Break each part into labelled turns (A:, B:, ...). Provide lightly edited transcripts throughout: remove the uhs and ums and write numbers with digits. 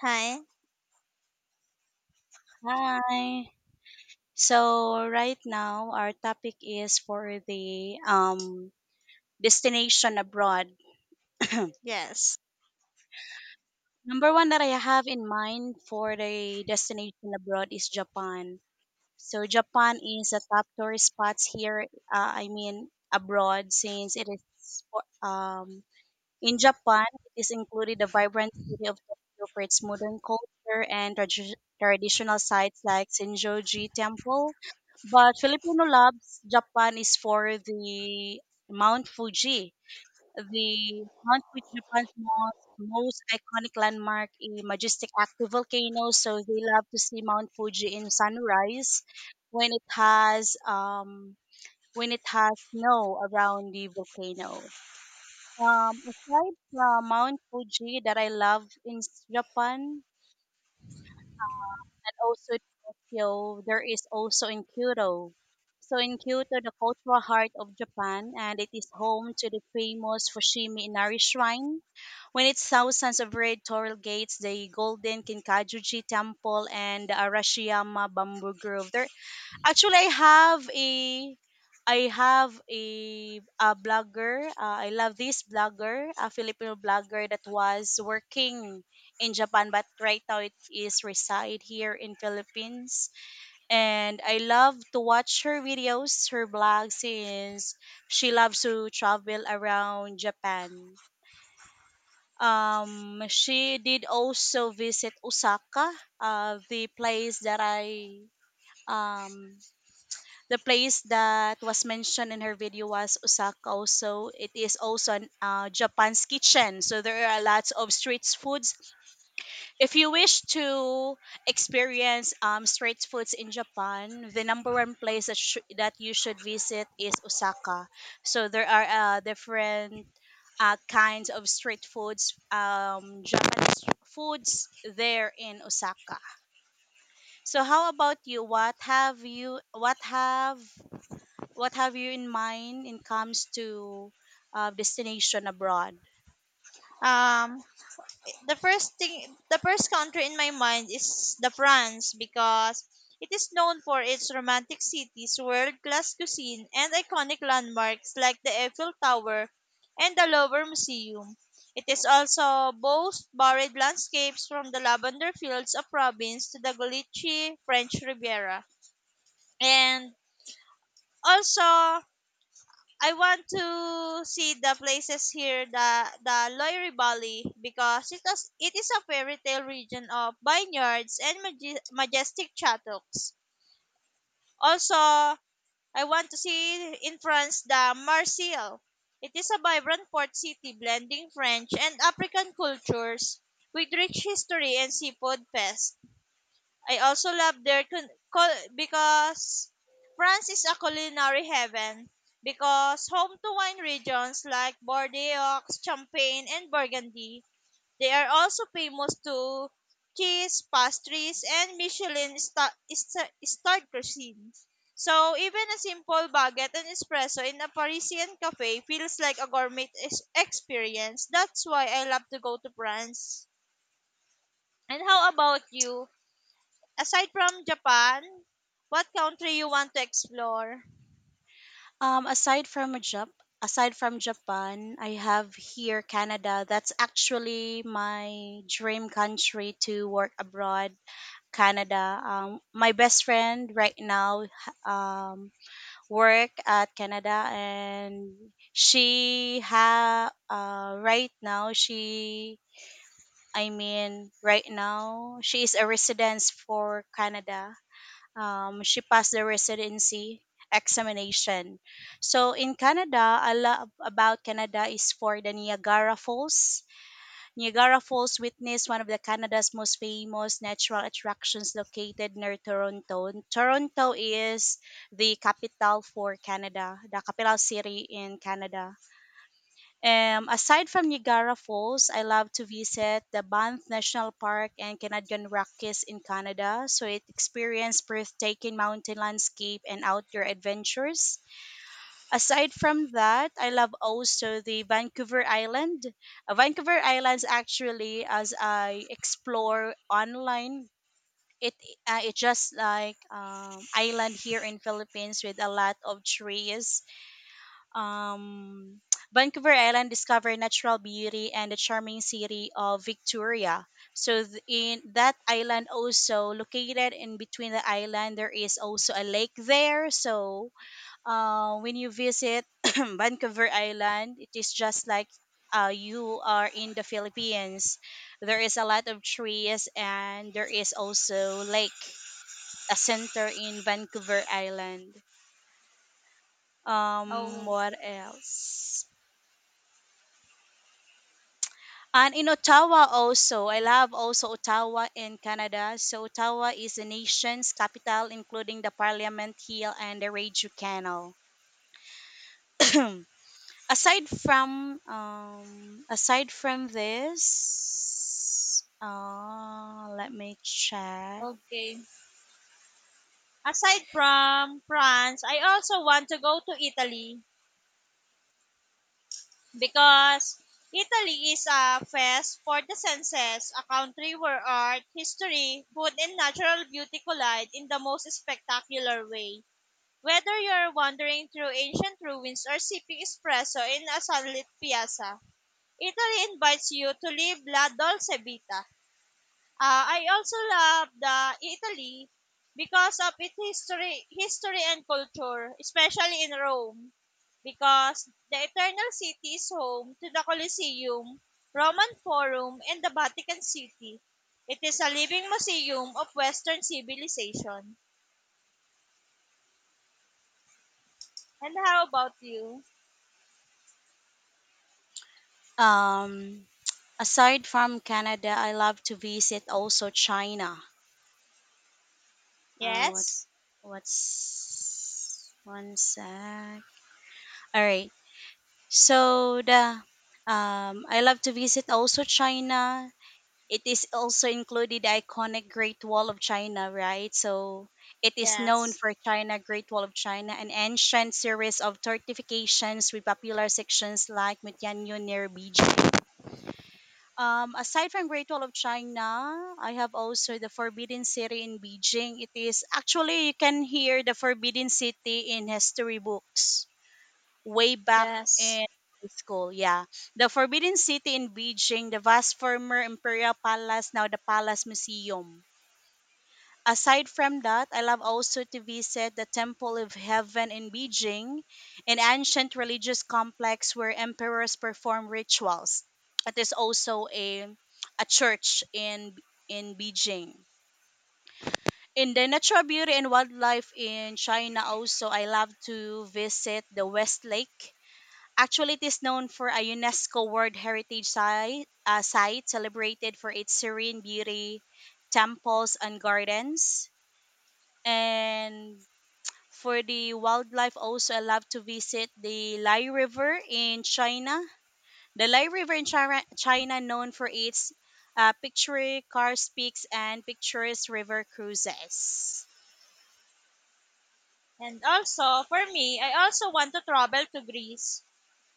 A: Hi.
B: Hi. So right now our topic is for the destination abroad.
A: Yes.
B: Number one that I have in mind for the destination abroad is Japan. So Japan is a top tourist spots here. I mean abroad since it is um in Japan, it is included the vibrant city of Tokyo for its modern culture and traditional sites like Senjoji Temple. But Filipino loves Japan is for the Mount Fuji. The Mount Fuji, Japan's most iconic landmark, a majestic active volcano. So they love to see Mount Fuji in sunrise when it has um, when it has snow around the volcano. Aside from Mount Fuji that I love in Japan and also Tokyo, there is also in Kyoto. So in Kyoto, the cultural heart of Japan, and it is home to the famous Fushimi Inari Shrine. When it's thousands of red torii gates, the golden Kinkakuji Temple, and the Arashiyama Bamboo Grove, there actually, I have a blogger. I love this blogger, a Filipino blogger that was working in Japan, but right now it is reside here in Philippines. And I love to watch her videos, her blog, since she loves to travel around Japan. She did also visit Osaka, the place that I um the place that was mentioned in her video was Osaka. Also, it is also Japan's kitchen. So there are lots of street foods. If you wish to experience street foods in Japan, the number one place that you should visit is Osaka. So there are different kinds of street foods, Japanese foods there in Osaka. So how about you? What have you in mind in comes to destination abroad?
A: Um, the first thing, the first country in my mind is the France because it is known for its romantic cities, world-class cuisine, and iconic landmarks like the Eiffel Tower and the Louvre Museum. It is also boasts varied landscapes from the lavender fields of province to the Galicia French Riviera, and also I want to see the places here, the Loire Valley, because it is a fairy tale region of vineyards and majestic chateaux. Also, I want to see in France the Marseille. It is a vibrant port city blending French and African cultures with rich history and seafood fest. I also love their because France is a culinary heaven because home to wine regions like Bordeaux, Champagne, and Burgundy. They are also famous to cheese, pastries, and Michelin starred cuisine. So even a simple baguette and espresso in a Parisian cafe feels like a gourmet experience. That's why I love to go to France. And how about you? Aside from Japan, what country you want to explore?
B: Aside from Japan, I have here Canada. That's actually my dream country to work abroad. Canada. My best friend right now um, work at Canada, and she ha right now she I mean right now she is a residence for Canada, she passed the residency examination. So in Canada, I love about Canada is for the Niagara Falls. Niagara Falls witnessed one of the Canada's most famous natural attractions located near Toronto. And Toronto is the capital for Canada, the capital city in Canada. Aside from Niagara Falls, I love to visit the Banff National Park and Canadian Rockies in Canada. So it experience breathtaking mountain landscape and outdoor adventures. Aside from that, I love also the Vancouver Island. Vancouver Islands actually, as I explore online, it it's just like island here in Philippines with a lot of trees, um, Vancouver Island discovered natural beauty and the charming city of Victoria. So in that island also located in between the island there is also a lake there. So when you visit Vancouver Island, it is just like you are in the Philippines. There is a lot of trees and there is also lake, a center in Vancouver Island.
A: Oh,
B: What else? And in Ottawa also, I love also Ottawa in Canada. So Ottawa is the nation's capital, including the Parliament Hill and the Radio Canal. Aside from this, let me check.
A: okay. Aside from France, I also want to go to Italy because Italy is a fest for the senses, a country where art, history, food, and natural beauty collide in the most spectacular way. Whether you're wandering through ancient ruins or sipping espresso in a sunlit piazza, Italy invites you to live la dolce vita. I also love the Italy because of its history, history and culture, especially in Rome, because the Eternal City is home to the Colosseum, Roman Forum, and the Vatican City. It is a living museum of Western civilization. And how about you?
B: Um, Aside from Canada, I love to visit also China. Uh, what
A: Yes,
B: what's one sec? All right. So the I love to visit also China. It is also included the iconic Great Wall of China, right? So it is known
A: yes,
B: for China Great Wall of China, an ancient series of fortifications with popular sections like Mutianyu near Beijing. Aside from Great Wall of China, I have also the Forbidden City in Beijing. It is actually you can hear the Forbidden City in history books way back
A: yes.
B: in high school. Yeah. The Forbidden City in Beijing, the vast former Imperial Palace, now the Palace Museum. Aside from that, I love also to visit the Temple of Heaven in Beijing, an ancient religious complex where emperors perform rituals. It is also a church in Beijing. In the natural beauty and wildlife in China also I love to visit the West Lake. Actually, it is known for a UNESCO World Heritage Site, site celebrated for its serene beauty, temples, and gardens. And for the wildlife, also, I love to visit the Lai River in China. The Lai River in China, China known for its picturesque car speaks and picturesque river cruises.
A: And also, for me, I also want to travel to Greece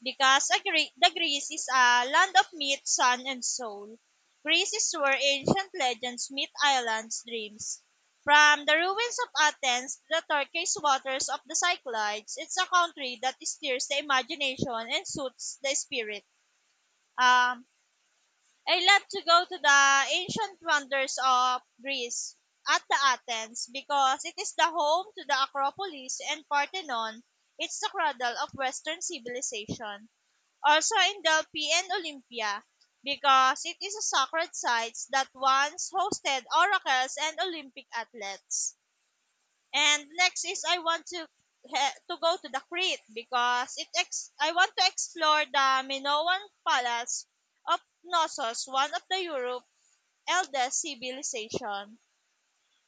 A: because a the Greece is a land of myth, sun, and soul. Greece is where ancient legends meet islands' dreams. From the ruins of Athens to the turquoise waters of the Cyclades, it's a country that stirs the imagination and suits the spirit. Um, I love to go to the ancient wonders of Greece at the Athens because it is the home to the Acropolis and Parthenon. It's the cradle of Western civilization also in Delphi and Olympia, because it is a sacred site that once hosted oracles and Olympic athletes. And next is I want to to go to the Crete because I want to explore the Minoan Palace of Knossos, one of the Europe's eldest civilization.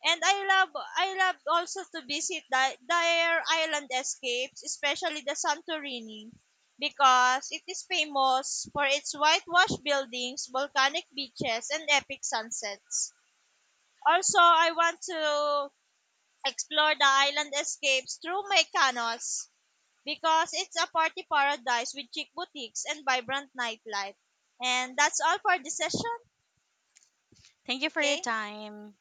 A: And I love also to visit the, their island escapes, especially the Santorini, because it is famous for its whitewashed buildings, volcanic beaches, and epic sunsets. Also, I want to explore the island escapes through Mykonos because it's a party paradise with chic boutiques and vibrant nightlife. And that's all for this session.
B: Thank you for your
A: Okay?
B: time.